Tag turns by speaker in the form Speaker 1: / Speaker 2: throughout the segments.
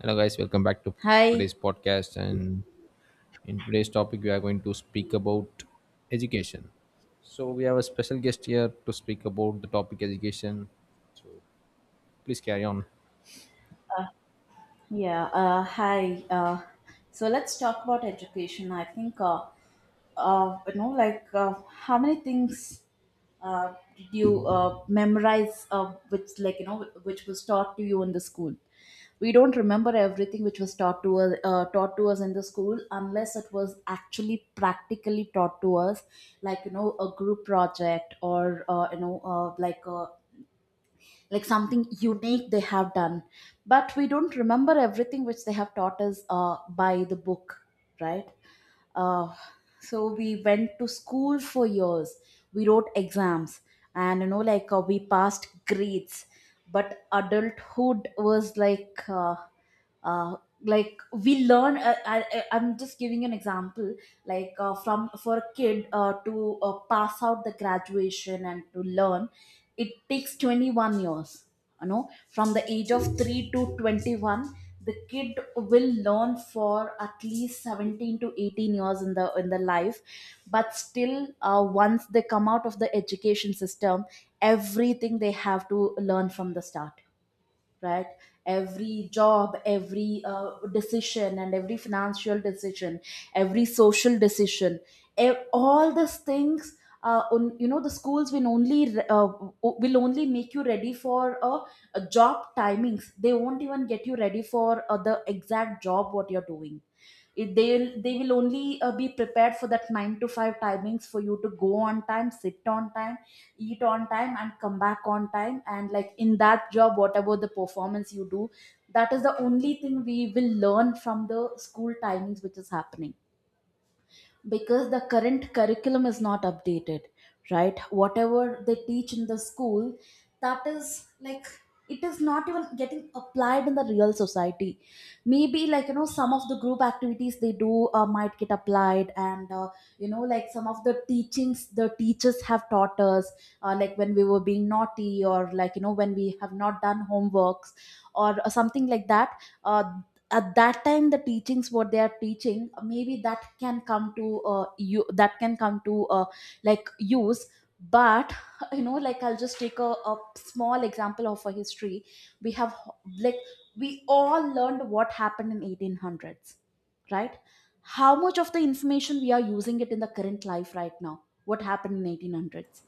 Speaker 1: Hello, guys. Welcome back to
Speaker 2: Hi,
Speaker 1: today's podcast. And in today's topic, we are going to speak about education. So, we have a special guest here to speak about the topic education. Please carry on.
Speaker 2: yeah, hi. So let's talk about education. I think, you know, like How many things did you memorize, which which was taught to you in the school? We don't remember everything which was taught to us, in the school, unless it was actually practically taught to us, a group project or like a like something unique they have done, but we don't remember everything which they have taught us by the book, right. uh, so we went to school for years, we wrote exams, and we passed grades, but adulthood was uh, like we learn. I'm just giving an example. Like from For a kid to pass out the graduation and to learn, it takes 21 years. You know, from the age of 3 to 21, the kid will learn for at least 17 to 18 years in the life, but still, once they come out of the education system, everything they have to learn from the start, right. Every job, every decision, and every financial decision, every social decision, all these things. You know, the schools will only will only make you ready for a job timings. They won't even get you ready for the exact job what you're doing. It, they'll they will only be prepared for that 9 to 5 timings for you to go on time, sit on time, eat on time, and come back on time. And like, in that job whatever the performance you do, that is the only thing we will learn from the school timings which is happening, because the current curriculum is not updated, right. Whatever they teach in the school, that is like, it is not even getting applied in the real society. Maybe some of the group activities they do might get applied, and some of the teachings the teachers have taught us, like when we were being naughty, or when we have not done homeworks or something like that. uh, at that time, the teachings what they are teaching, maybe that can come to like use. But I'll just take a small example of a history. We have, like, we all learned what happened in 1800s, right. How much of the information we are using it in the current life right now, what happened in 1800s?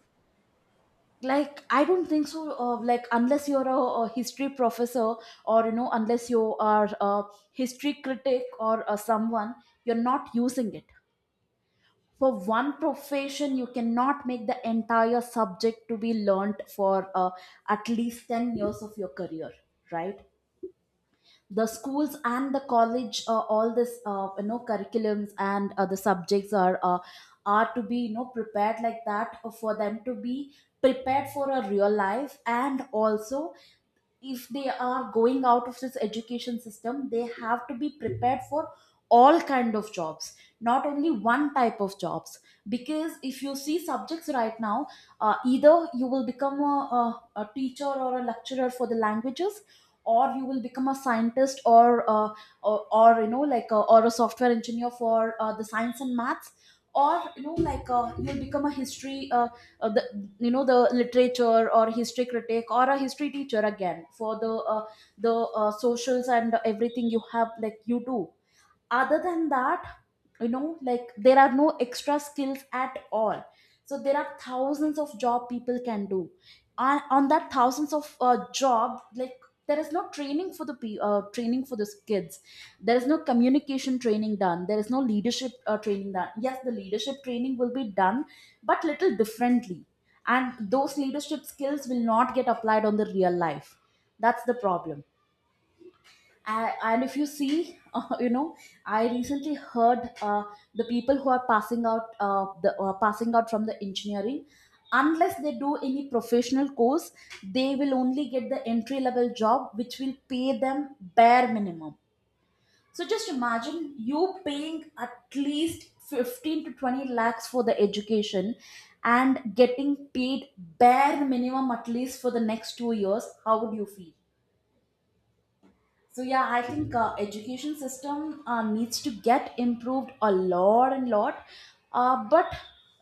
Speaker 2: Like, I don't think so, like unless you're a history professor, or you know, unless you are a history critic or someone, you're not using it. For one profession you cannot make the entire subject to be learnt for at least 10 years of your career, right. The schools and the college, all this you know curriculums and the subjects are to be, you know, prepared like that for them to be prepared for a real life. And also, if they are going out of this education system, they have to be prepared for all kind of jobs, not only one type of jobs, because if you see subjects right now, either you will become a teacher or a lecturer for the languages, or you will become a scientist, or you know, or a software engineer for the science and maths, or you know like you'll become a history the, you know, the literature or history critic, or a history teacher again for the socials and everything you have like you do. Other than that, you know, like, there are no extra skills at all. So there are thousands of job people can do, and on that thousands of job, like, there is no training for the training for the kids. There is no communication training done, there is no leadership training done. Yes, the leadership training will be done, but little differently, and those leadership skills will not get applied on the real life. That's the problem. And if you see, I recently heard the people who are passing out, the passing out from the engineering, unless they do any professional course, they will only get the entry level job which will pay them bare minimum. So just imagine you paying at least 15 to 20 lakhs for the education and getting paid bare minimum at least for the next 2 years. How would you feel? So yeah, I think education system needs to get improved a lot and lot. But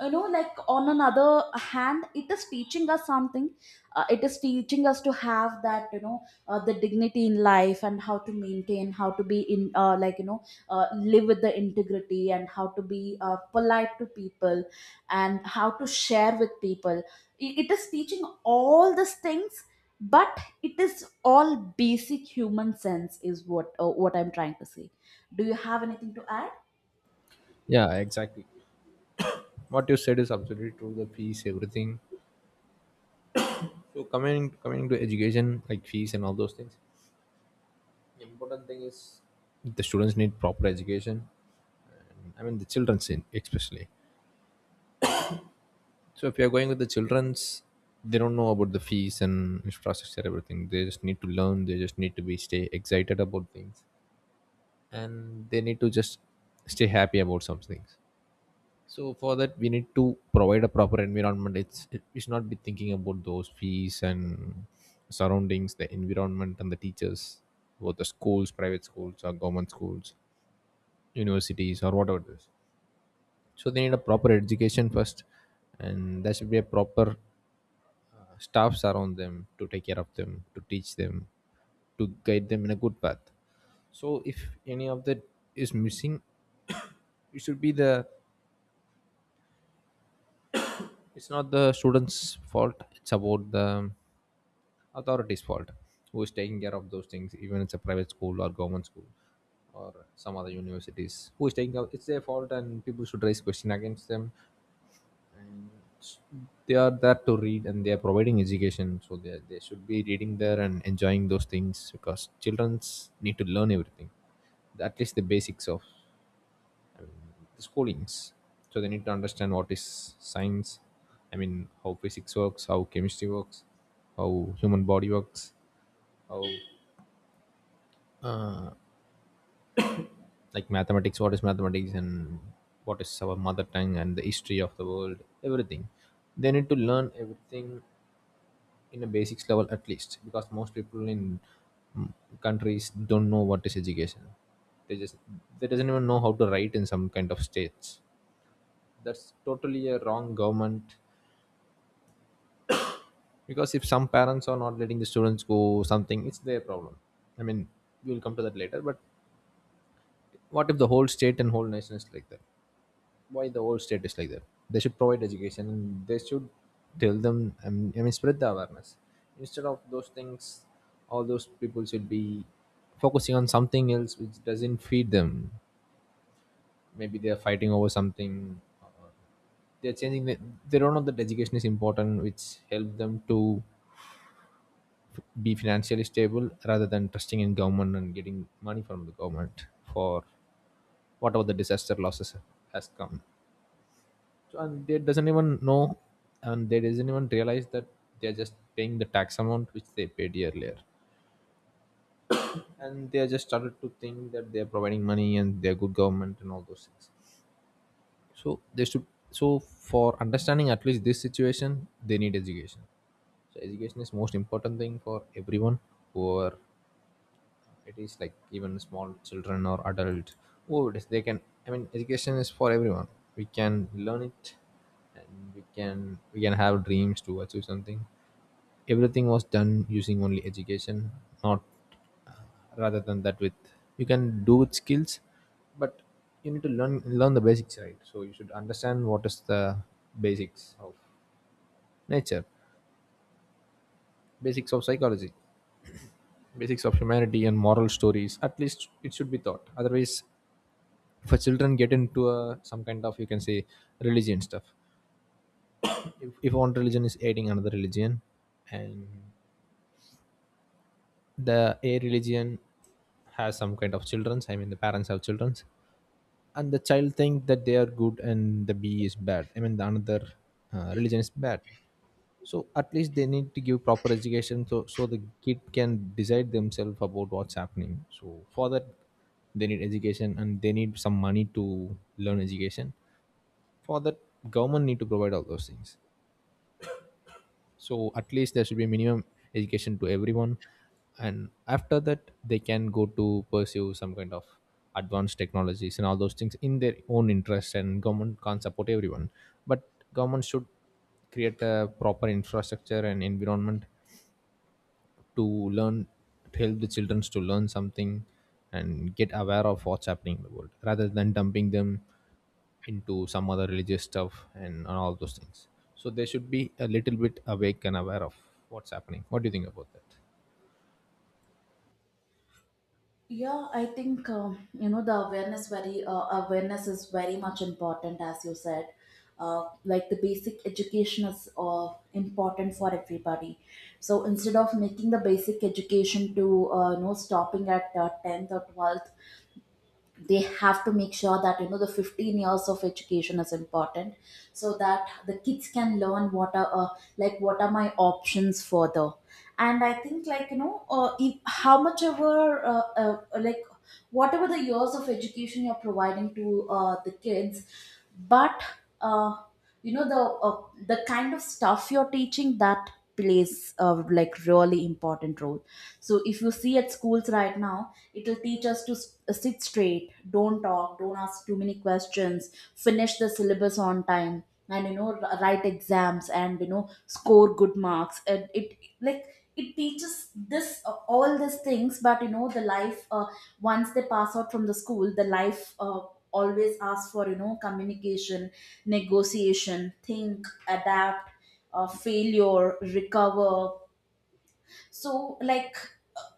Speaker 2: you know, like, on another hand, it is teaching us something. It is teaching us to have that, you know, the dignity in life, and how to maintain, how to be in, live with the integrity, and how to be polite to people, and how to share with people. It is teaching all these things, but it is all basic human sense is what I'm trying to say. Do you have anything to add?
Speaker 1: Yeah, exactly. What you said is absolutely true. The fees, everything. So, coming to education, like fees and all those things. The important thing is the students need proper education. I mean, the children, especially. So if you're going with the children's, they don't know about the fees and infrastructure, everything. They just need to learn. They just need to be stay excited about things, and they need to just stay happy about some things. So for that, we need to provide a proper environment. We should not be thinking about those fees and surroundings, the environment and the teachers, both the schools, private schools or government schools, universities or whatever it is. So they need a proper education first, and there should be a proper staffs around them to take care of them, to teach them, to guide them in a good path. So if any of that is missing, it should be the, it's not the students fault, it's about the authorities fault, who is taking care of those things, even it's a private school or government school or some other universities who is taking care. It's their fault and people should raise question against them. They are there to read and they are providing education, so they should be reading there and enjoying those things because childrens need to learn everything, at least the basics of the schoolings. So they need to understand what is science, I mean how physics works, how chemistry works, how human body works, how uh, like mathematics, what is mathematics, and what is our mother tongue, and the history of the world, everything. They need to learn everything in a basics level at least, because most people in mm, countries don't know what is education. They just, they doesn't even know how to write in some kind of states. That's totally a wrong government, because if some parents are not letting the students go something, it's their problem. I mean, we'll come to that later, but what if the whole state and whole nation is like that? Why the whole state is like that? They should provide education and they should tell them, I mean spread the awareness instead of those things. All those people should be focusing on something else which doesn't feed them. Maybe they are fighting over something. They're changing the, they don't know that education is important, which help them to be financially stable rather than trusting in government and getting money from the government for whatever the disaster losses has come. So, and they doesn't even know, and they doesn't even realize that they are just paying the tax amount which they paid earlier, and they are just started to think that they are providing money and they are good government and all those things. So they should. So for understanding at least this situation, they need education. So education is most important thing for everyone who are, it is like even small children or adult. Oh it is- they can, I mean education is for everyone. We can learn it, and we can have dreams to achieve something. Everything was done using only education, not uh, rather than that. With, you can do with skills, but you need to learn, learn the basics, right? So you should understand what is the basics of nature, basics of psychology, basics of humanity and moral stories. At least it should be taught, otherwise for children get into a, some kind of, you can say, religion stuff. If one religion is aiding another religion, and the A religion has some kind of children's, I mean the parents have children's, and the child think that they are good and the B is bad, I mean the another religion is bad. So at least they need to give proper education so the kid can decide themselves about what's happening. So for that, they need education and they need some money to learn education. For that, government need to provide all those things. So at least there should be minimum education to everyone, and after that they can go to pursue some kind of advanced technologies and all those things in their own interest. And government can't support everyone, but government should create a proper infrastructure and environment to learn, to help the children to learn something and get aware of what's happening in the world rather than dumping them into some other religious stuff and all those things. So they should be a little bit awake and aware of what's happening. What do you think about that?
Speaker 2: Yeah, I think you know, the awareness very awareness is very much important, as you said. Like, the basic education is important for everybody. So instead of making the basic education to, stopping at 10th or 12th, they have to make sure that, you know, the 15 years of education is important, so that the kids can learn what are what are my options further. And I think, like you know if, how much ever like whatever the years of education you're providing to the kids, but uh, the kind of stuff you're teaching, that plays a like really important role. So if you see at schools right now, it'll teach us to sit straight, don't talk, don't ask too many questions, finish the syllabus on time, and you know, write exams, and you know, score good marks. And it, like, it teaches this all these things. But you know, the life, once they pass out from the school, the life always ask for, you know, communication, negotiation, think, adapt, failure, recover. So like,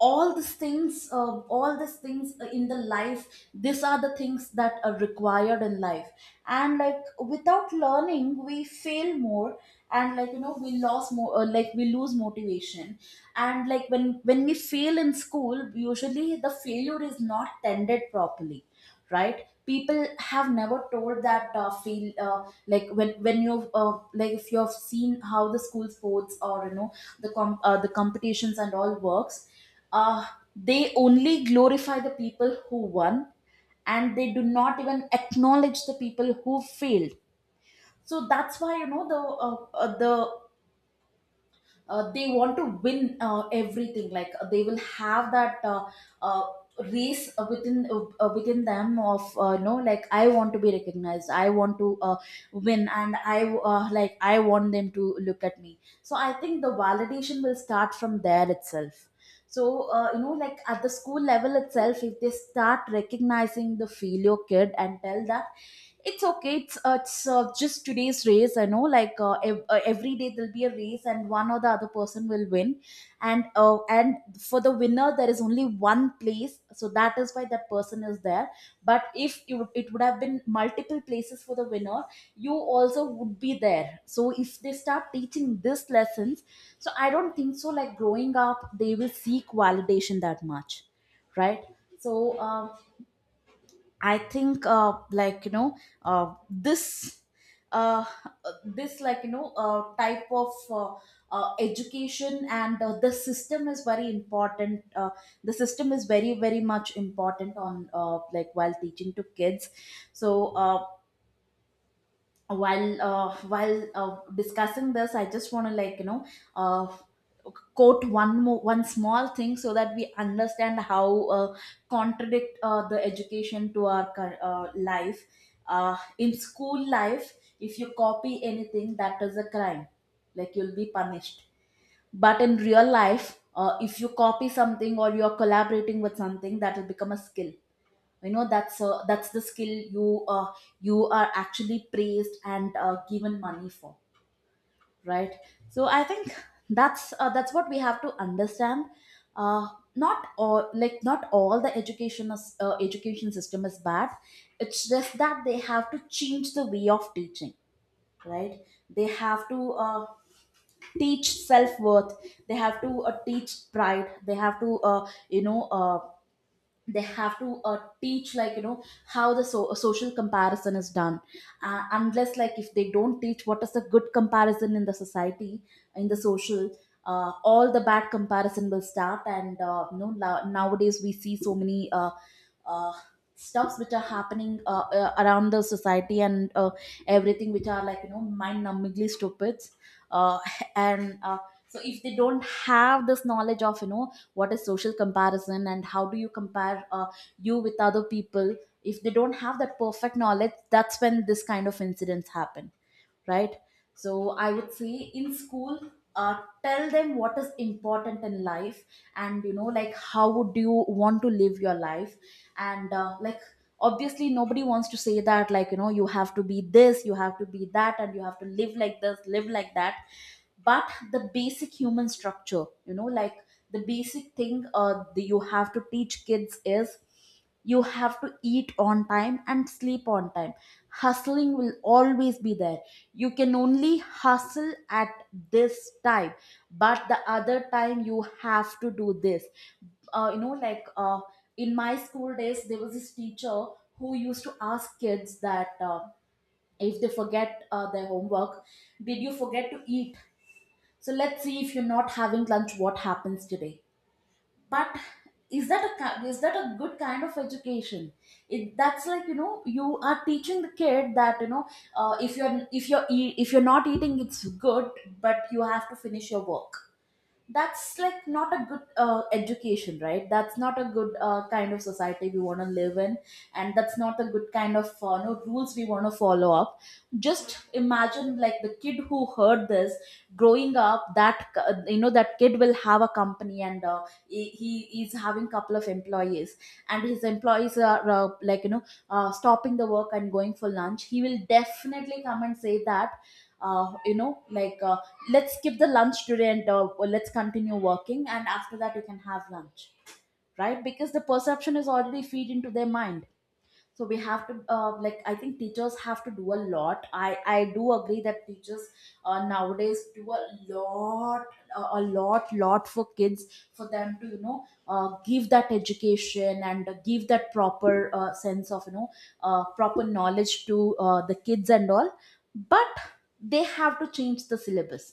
Speaker 2: all these things in the life, these are the things that are required in life. And like, without learning we fail more, and we lost more, like we lose motivation. And like, when we fail in school, usually the failure is not tended properly, right. People have never told that, feel like when you've like if you've seen how the school sports, or you know, the the competitions and all works, uh, they only glorify the people who won, and they do not even acknowledge the people who failed. So that's why, you know, the uh, uh, the they want to win everything. Like, they will have that uh, race within them of, you know, like, I want to be recognized, I want to win, and I I want them to look at me. So I think the validation will start from there itself. So at the school level itself, if they start recognizing the filial kid and tell that it's okay, it's just today's race, I know, every day there'll be a race and one or the other person will win. And for the winner there is only one place, so that is why that person is there. But if you, it would have been multiple places for the winner, you also would be there. So if they start teaching this lessons, so I don't think so, like, growing up they will seek validation that much, right. So I think, like you know this uh, this like you know type of education and the system is very important. The system is very very much important on, like while teaching to kids. So while discussing this, I just want to, uh, quote one more one small thing, so that we understand how contradict the education to our life. In school life, if you copy anything that is a crime, like, you'll be punished. But in real life, if you copy something or you're collaborating with something, that will become a skill, you know. That's the skill you are actually praised and given money for, right? So I think that's what we have to understand. uh, Not all, like not all the education is, education system is bad. It's just that they have to change the way of teaching, right? They have to teach self-worth. They have to teach pride. They have to they have to teach, like, you know how the social comparison is done. Unless, like, if they don't teach what is the good comparison in the society, in the social, all the bad comparison will start. And nowadays we see so many uh, stuffs which are happening around the society. And everything which are, like, you know, mind numbingly stupid. uh, and so if they don't have this knowledge of, you know, what is social comparison and how do you compare you with other people, if they don't have that perfect knowledge, that's when this kind of incidents happen, right? So I would say, in school, tell them what is important in life, and, you know, like, how would you want to live your life, and like, obviously nobody wants to say that, like, you know, you have to be this, you have to be that, and you have to live like this, live like that. But the basic human structure, you know, like, the basic thing that you have to teach kids is you have to eat on time and sleep on time. Hustling will always be there. You can only hustle at this time, but the other time you have to do this. You know, like, in my school days there was this teacher who used to ask kids that if they forget their homework, did you forget to eat? So let's see, if you're not having lunch, what happens today. But is that a is that a good kind of education? It, that's like, you know, you are teaching the kid that, you know, if you're if you're not eating it's good, but you have to finish your work. That's, like, not a good education, right? That's not a good kind of society we want to live in, and that's not the good kind of no rules we want to follow up. Just imagine, like, the kid who heard this growing up, that you know, that kid will have a company, and he is having couple of employees, and his employees are like, you know, stopping the work and going for lunch. He will definitely come and say that, uh, you know like uh, let's skip the lunch today, and or let's continue working and after that you can have lunch, right? Because the perception is already feed into their mind. So we have to like, I think teachers have to do a lot. I do agree that teachers nowadays do a lot, a lot lot for kids, for them to, you know, give that education and give that proper sense of, you know, proper knowledge to the kids and all. But they have to change the syllabus.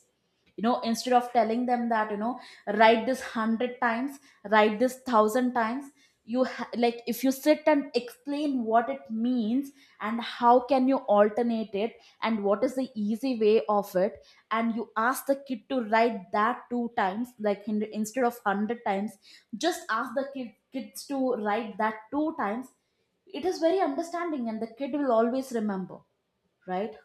Speaker 2: You know, instead of telling them that, you know, write this 100 times, write this 1,000 times, like, if you sit and explain what it means, and how can you alternate it, and what is the easy way of it, and you ask the kid to write that two times, like instead of 100 times, just ask the kids to write that two times, it is very understanding and the kid will always remember, right?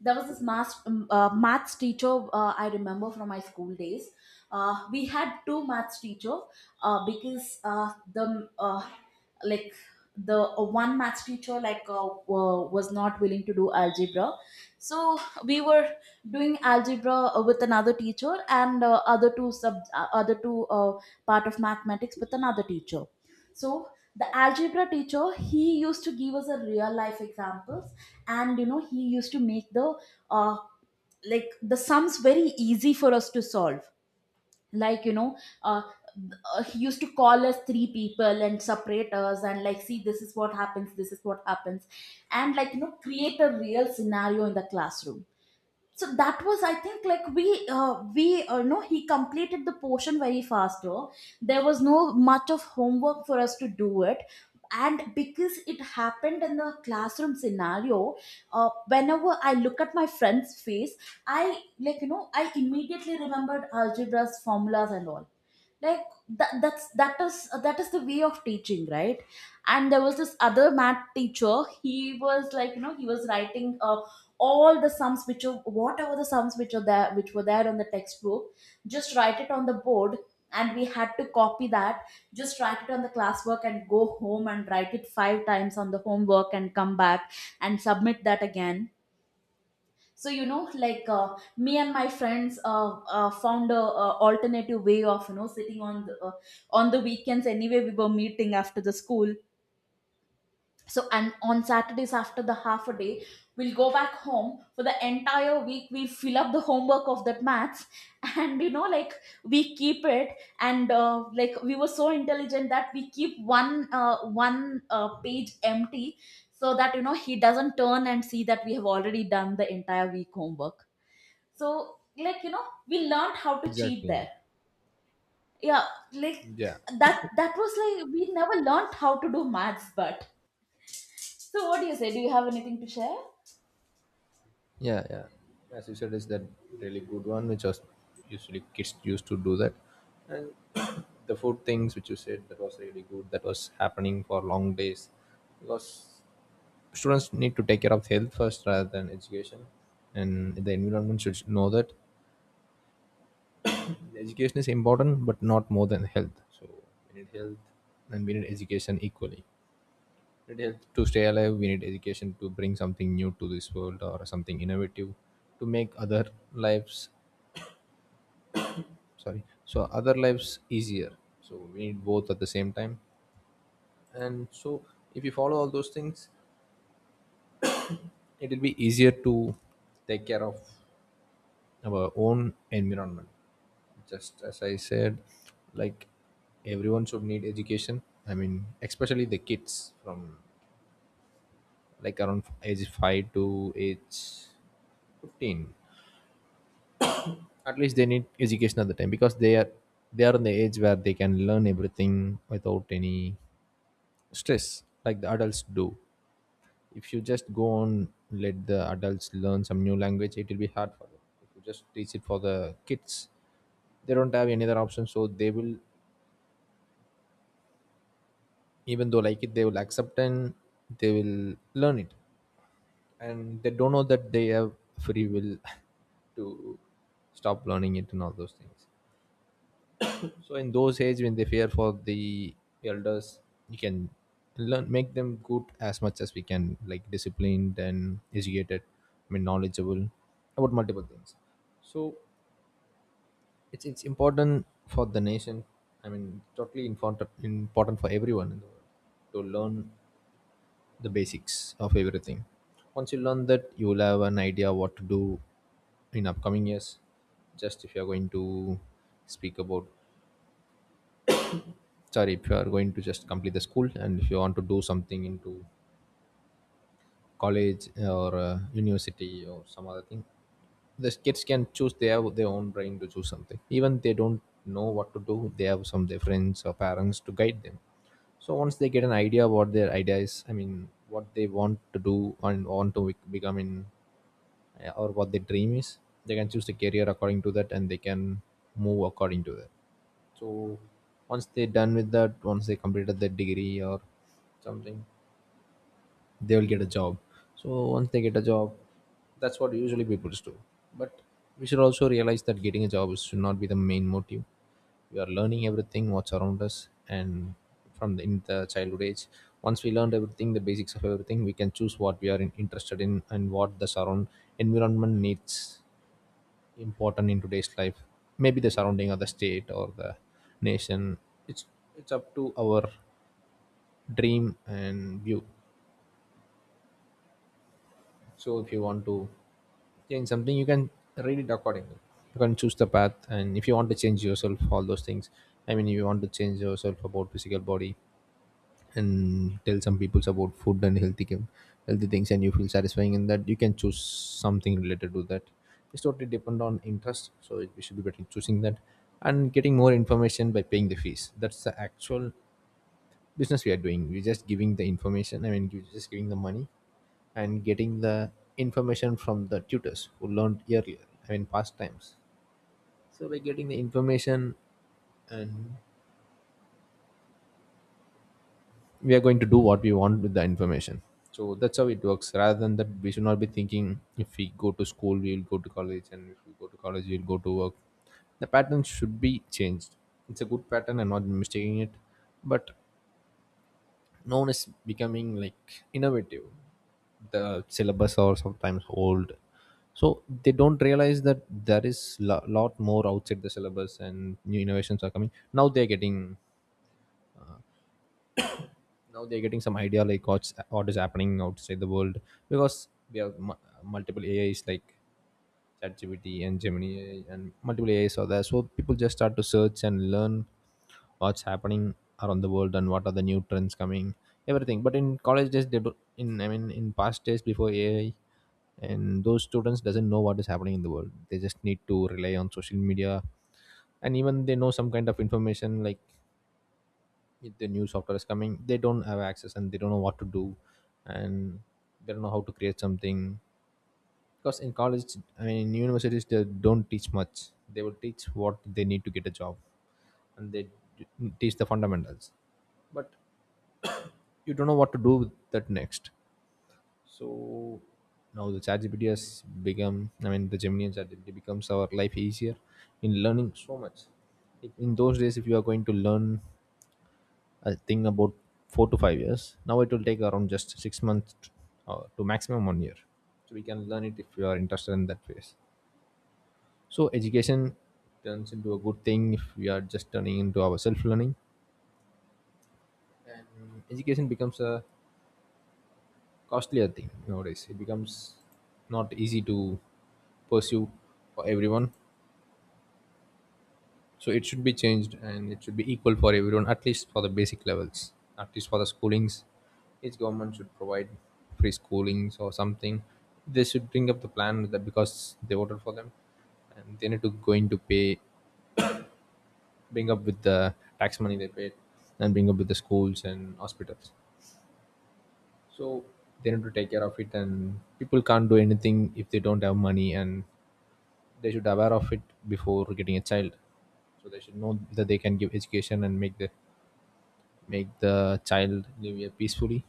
Speaker 2: There was this maths teacher I remember from my school days. We had two maths teacher, because the like, the one maths teacher, was not willing to do algebra, so we were doing algebra with another teacher, and other two part of mathematics with another teacher. So the algebra teacher, he used to give us a real life example, and, you know, he used to make the uh, like, the sums very easy for us to solve. Like, you know, uh, he used to call us three people and separate us and, like, see this is what happens, this is what happens, and, like, you know, create a real scenario in the classroom. So that was, I think, like, we know, he completed the portion very fast, though there was no much of homework for us to do it. And because it happened in the classroom scenario, whenever I look at my friend's face, I, like, you know, I immediately remembered algebras formulas and all. Like, that is, that is the way of teaching, right? And there was this other math teacher. He was, like, you know, he was writing all the sums which are, whatever the sums which are there, which were there on the textbook, just write it on the board, and we had to copy that. Just write it on the classwork and go home and write it five times on the homework and come back and submit that again. So, you know, like, me and my friends found a, alternative way of, you know, sitting on the weekends. Anyway, we were meeting after the school, so, and on Saturdays, after the half a day, we'll go back home, for the entire week we'll fill up the homework of that maths. And, you know, like, we keep it, and like, we were so intelligent that we keep one page empty, so that, you know, he doesn't turn and see that we have already done the entire week homework. So, like, you know, we learned how to cheat
Speaker 1: Exactly.
Speaker 2: there. Yeah. Like,
Speaker 1: Yeah,
Speaker 2: that was like, we never learned how to do maths, but so what do you say? Do you have anything to share?
Speaker 1: yeah, yeah. As you said is that really good one which was usually kids used to do that. And the food things which you said, that was really good. That was happening for long days, because students need to take care of health first rather than education. And the environment should know that education is important but not more than health. So we need health and we need education equally. We need health to stay alive, we need education to bring something new to this world or something innovative to make other lives, sorry so other lives easier. So we need both at the same time. And so if you follow all those things, it will be easier to take care of our own environment. Just as I said, like everyone should need education. I mean, especially the kids from like around age 5 to age 15, at least they need education at the time, because they are, they are in the age where they can learn everything without any stress like the adults do. If you just go on, let the adults learn some new language, it will be hard for them. If you just teach it for the kids, they don't have any other option so they will, even though like it, they will accept and they will learn it. And they don't know that they have free will to stop learning it and all those things. So in those age when they fear for the elders, you can learn, make them good as much as we can, like disciplined and educated, I mean knowledgeable about multiple things. So it's important for the nation. I mean, totally important for everyone in the world to learn the basics of everything. Once you learn that, you will have an idea what to do in upcoming years. Just if you are going to speak about, sorry if you are going to just complete the school and if you want to do something into college or university or some other thing, the kids can choose. They have their own brain to choose something. Even they don't know what to do, they have some of their friends or parents to guide them. So once they get an idea what their idea is, I mean what they want to do and want to become in or what their dream is, they can choose the career according to that and they can move according to that. So once they done with that, once they completed their degree or something, they will get a job. So once they get a job, that's what usually people do. But we should also realize that getting a job should not be the main motive. We are learning everything what's around us, and from the, in the childhood age, once we learned everything, the basics of everything, we can choose what we are in, interested in, and what the surround environment needs important in today's life. Maybe the surrounding of the state or the nation, it's it's up to our dream and view. So if you want to change something, you can read it accordingly. You can choose the path, and if you want to change yourself, all those things. I mean, if you want to change yourself about physical body and tell some people about food and healthy game- healthy things, and you feel satisfying in that, you can choose something related to that. It's totally depend on interest, so it- we should be better choosing that and getting more information by paying the fees. That's the actual business we are doing. We're just giving the information. I mean you're just giving the money and getting the information from the tutors who learned earlier, I mean past times. So we're getting the information and we are going to do what we want with the information. So that's how it works. Rather than that, we should not be thinking if we go to school we will go to college, and if we go to college we will go to work. The pattern should be changed. It's a good pattern, I'm not mistaking it, but known as becoming like innovative. The syllabus are sometimes old, so they don't realize that there is a lot more outside the syllabus and new innovations are coming. Now they're getting some idea like what is happening outside the world, because we have multiple ais like ChatGPT and Gemini AI, and multiple AIs are there. So people just start to search and learn what's happening around the world and what are the new trends coming, everything. But in college days, they do, in I mean in past days before AI, and those students doesn't know what is happening in the world. They just need to rely on social media, and even they know some kind of information, like if the new software is coming, they don't have access and they don't know what to do, and they don't know how to create something. Because in college, I mean in universities, they don't teach much. They will teach what they need to get a job, and they d- teach the fundamentals, but you don't know what to do with that next. So now the ChatGPT has become, I mean, the Gemini and ChatGPT becomes our life easier in learning so much. In those days, if you are going to learn, I think about four to five years. Now it will take around just six months to maximum one year. So we can learn it if you are interested in that phase. So education turns into a good thing if we are just turning into our self learning. And education becomes a costlier thing nowadays. It becomes not easy to pursue for everyone. So it should be changed and it should be equal for everyone, at least for the basic levels, at least for the schoolings. Each government should provide free schoolings or something. They should bring up the plan, that because they voted for them, and they need to go into pay, bring up with the tax money they paid, and bring up with the schools and hospitals. So they need to take care of it, and people can't do anything if they don't have money. And they should aware of it before getting a child, so they should know that they can give education and make the child live here peacefully.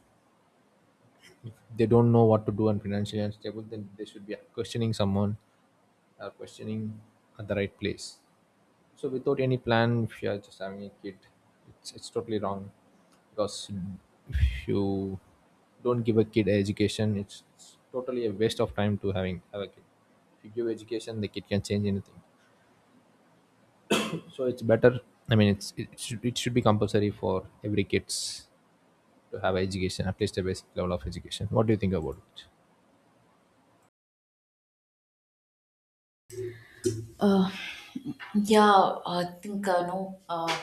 Speaker 1: They don't know what to do and financially unstable, then they should be questioning someone or questioning at the right place. So without any plan, if you are just having a kid, it's totally wrong. Because if you don't give a kid education, it's totally a waste of time to having have a kid. If you give education, the kid can change anything. So it's better. I mean, it's it should be compulsory for every kids to have education, at least a basic level of education. What do you think about it?
Speaker 2: Uh, yeah, I think no. Uh,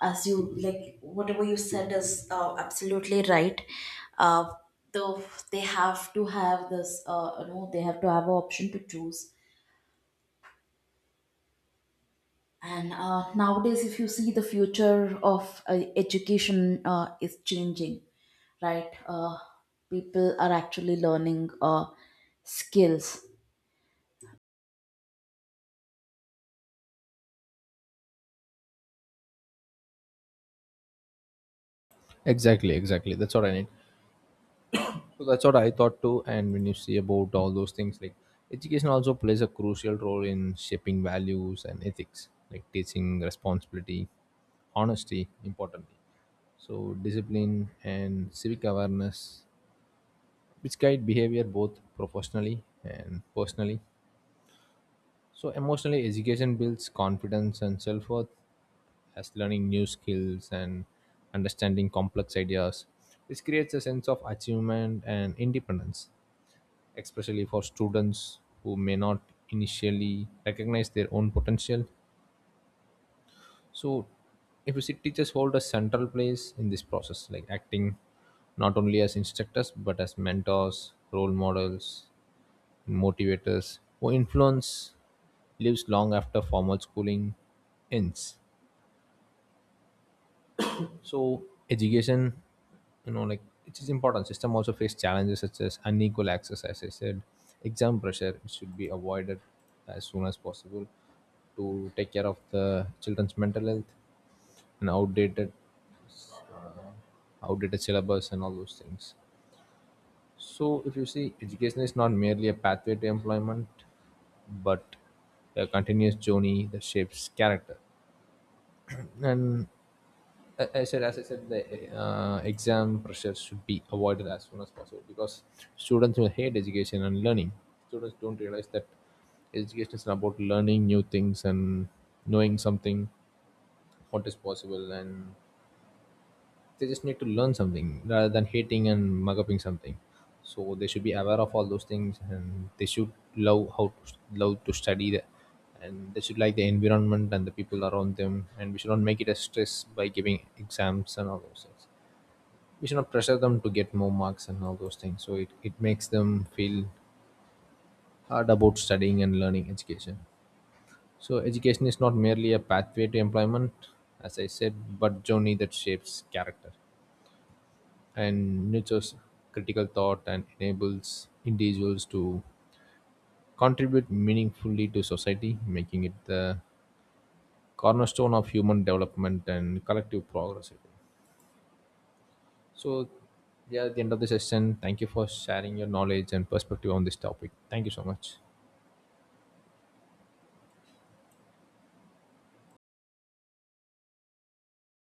Speaker 2: as you like, whatever you said is absolutely right. Uh, though they have to have this. You know, they have to have an option to choose. And nowadays, if you see the future of education is changing, right? People are actually learning skills
Speaker 1: Exactly, exactly. That's what I need. So that's what I thought too. And when you see about all those things, like education also plays a crucial role in shaping values and ethics, like teaching responsibility, honesty, importantly. So discipline and civic awareness, which guide behavior both professionally and personally. So emotional education builds confidence and self worth, as learning new skills and understanding complex ideas, which creates a sense of achievement and independence, especially for students who may not initially recognize their own potential. So implicit teachers hold a central place in this process, like acting not only as instructors but as mentors, role models, motivators who influence lives long after formal schooling ends. So education, like it is important. System also face challenges such as unequal access, as I said, exam pressure which should be avoided as soon as possible to take care of the children's mental health, and outdated syllabus and all those things. So if you see, education is not merely a pathway to employment, but a continuous journey that shapes character. And I said, as I said, the exam pressure should be avoided as soon as possible because students will hate education and learning. Students don't realize that education is about learning new things and knowing something, what is possible, and they just need to learn something rather than hating and mug upping something. So they should be aware of all those things, and they should love how to love to study the, and they should like the environment and the people around them. And we should not make it a stress by giving exams and all those things. We should not pressure them to get more marks and all those things. So it makes them feel hard about studying and learning education. So education is not merely a pathway to employment, as I said, but journey that shapes character and nurtures critical thought and enables individuals to contribute meaningfully to society, making it the cornerstone of human development and collective progress, I think. So, yeah, at the end of the session, thank you for sharing your knowledge and perspective on this topic. Thank you so much.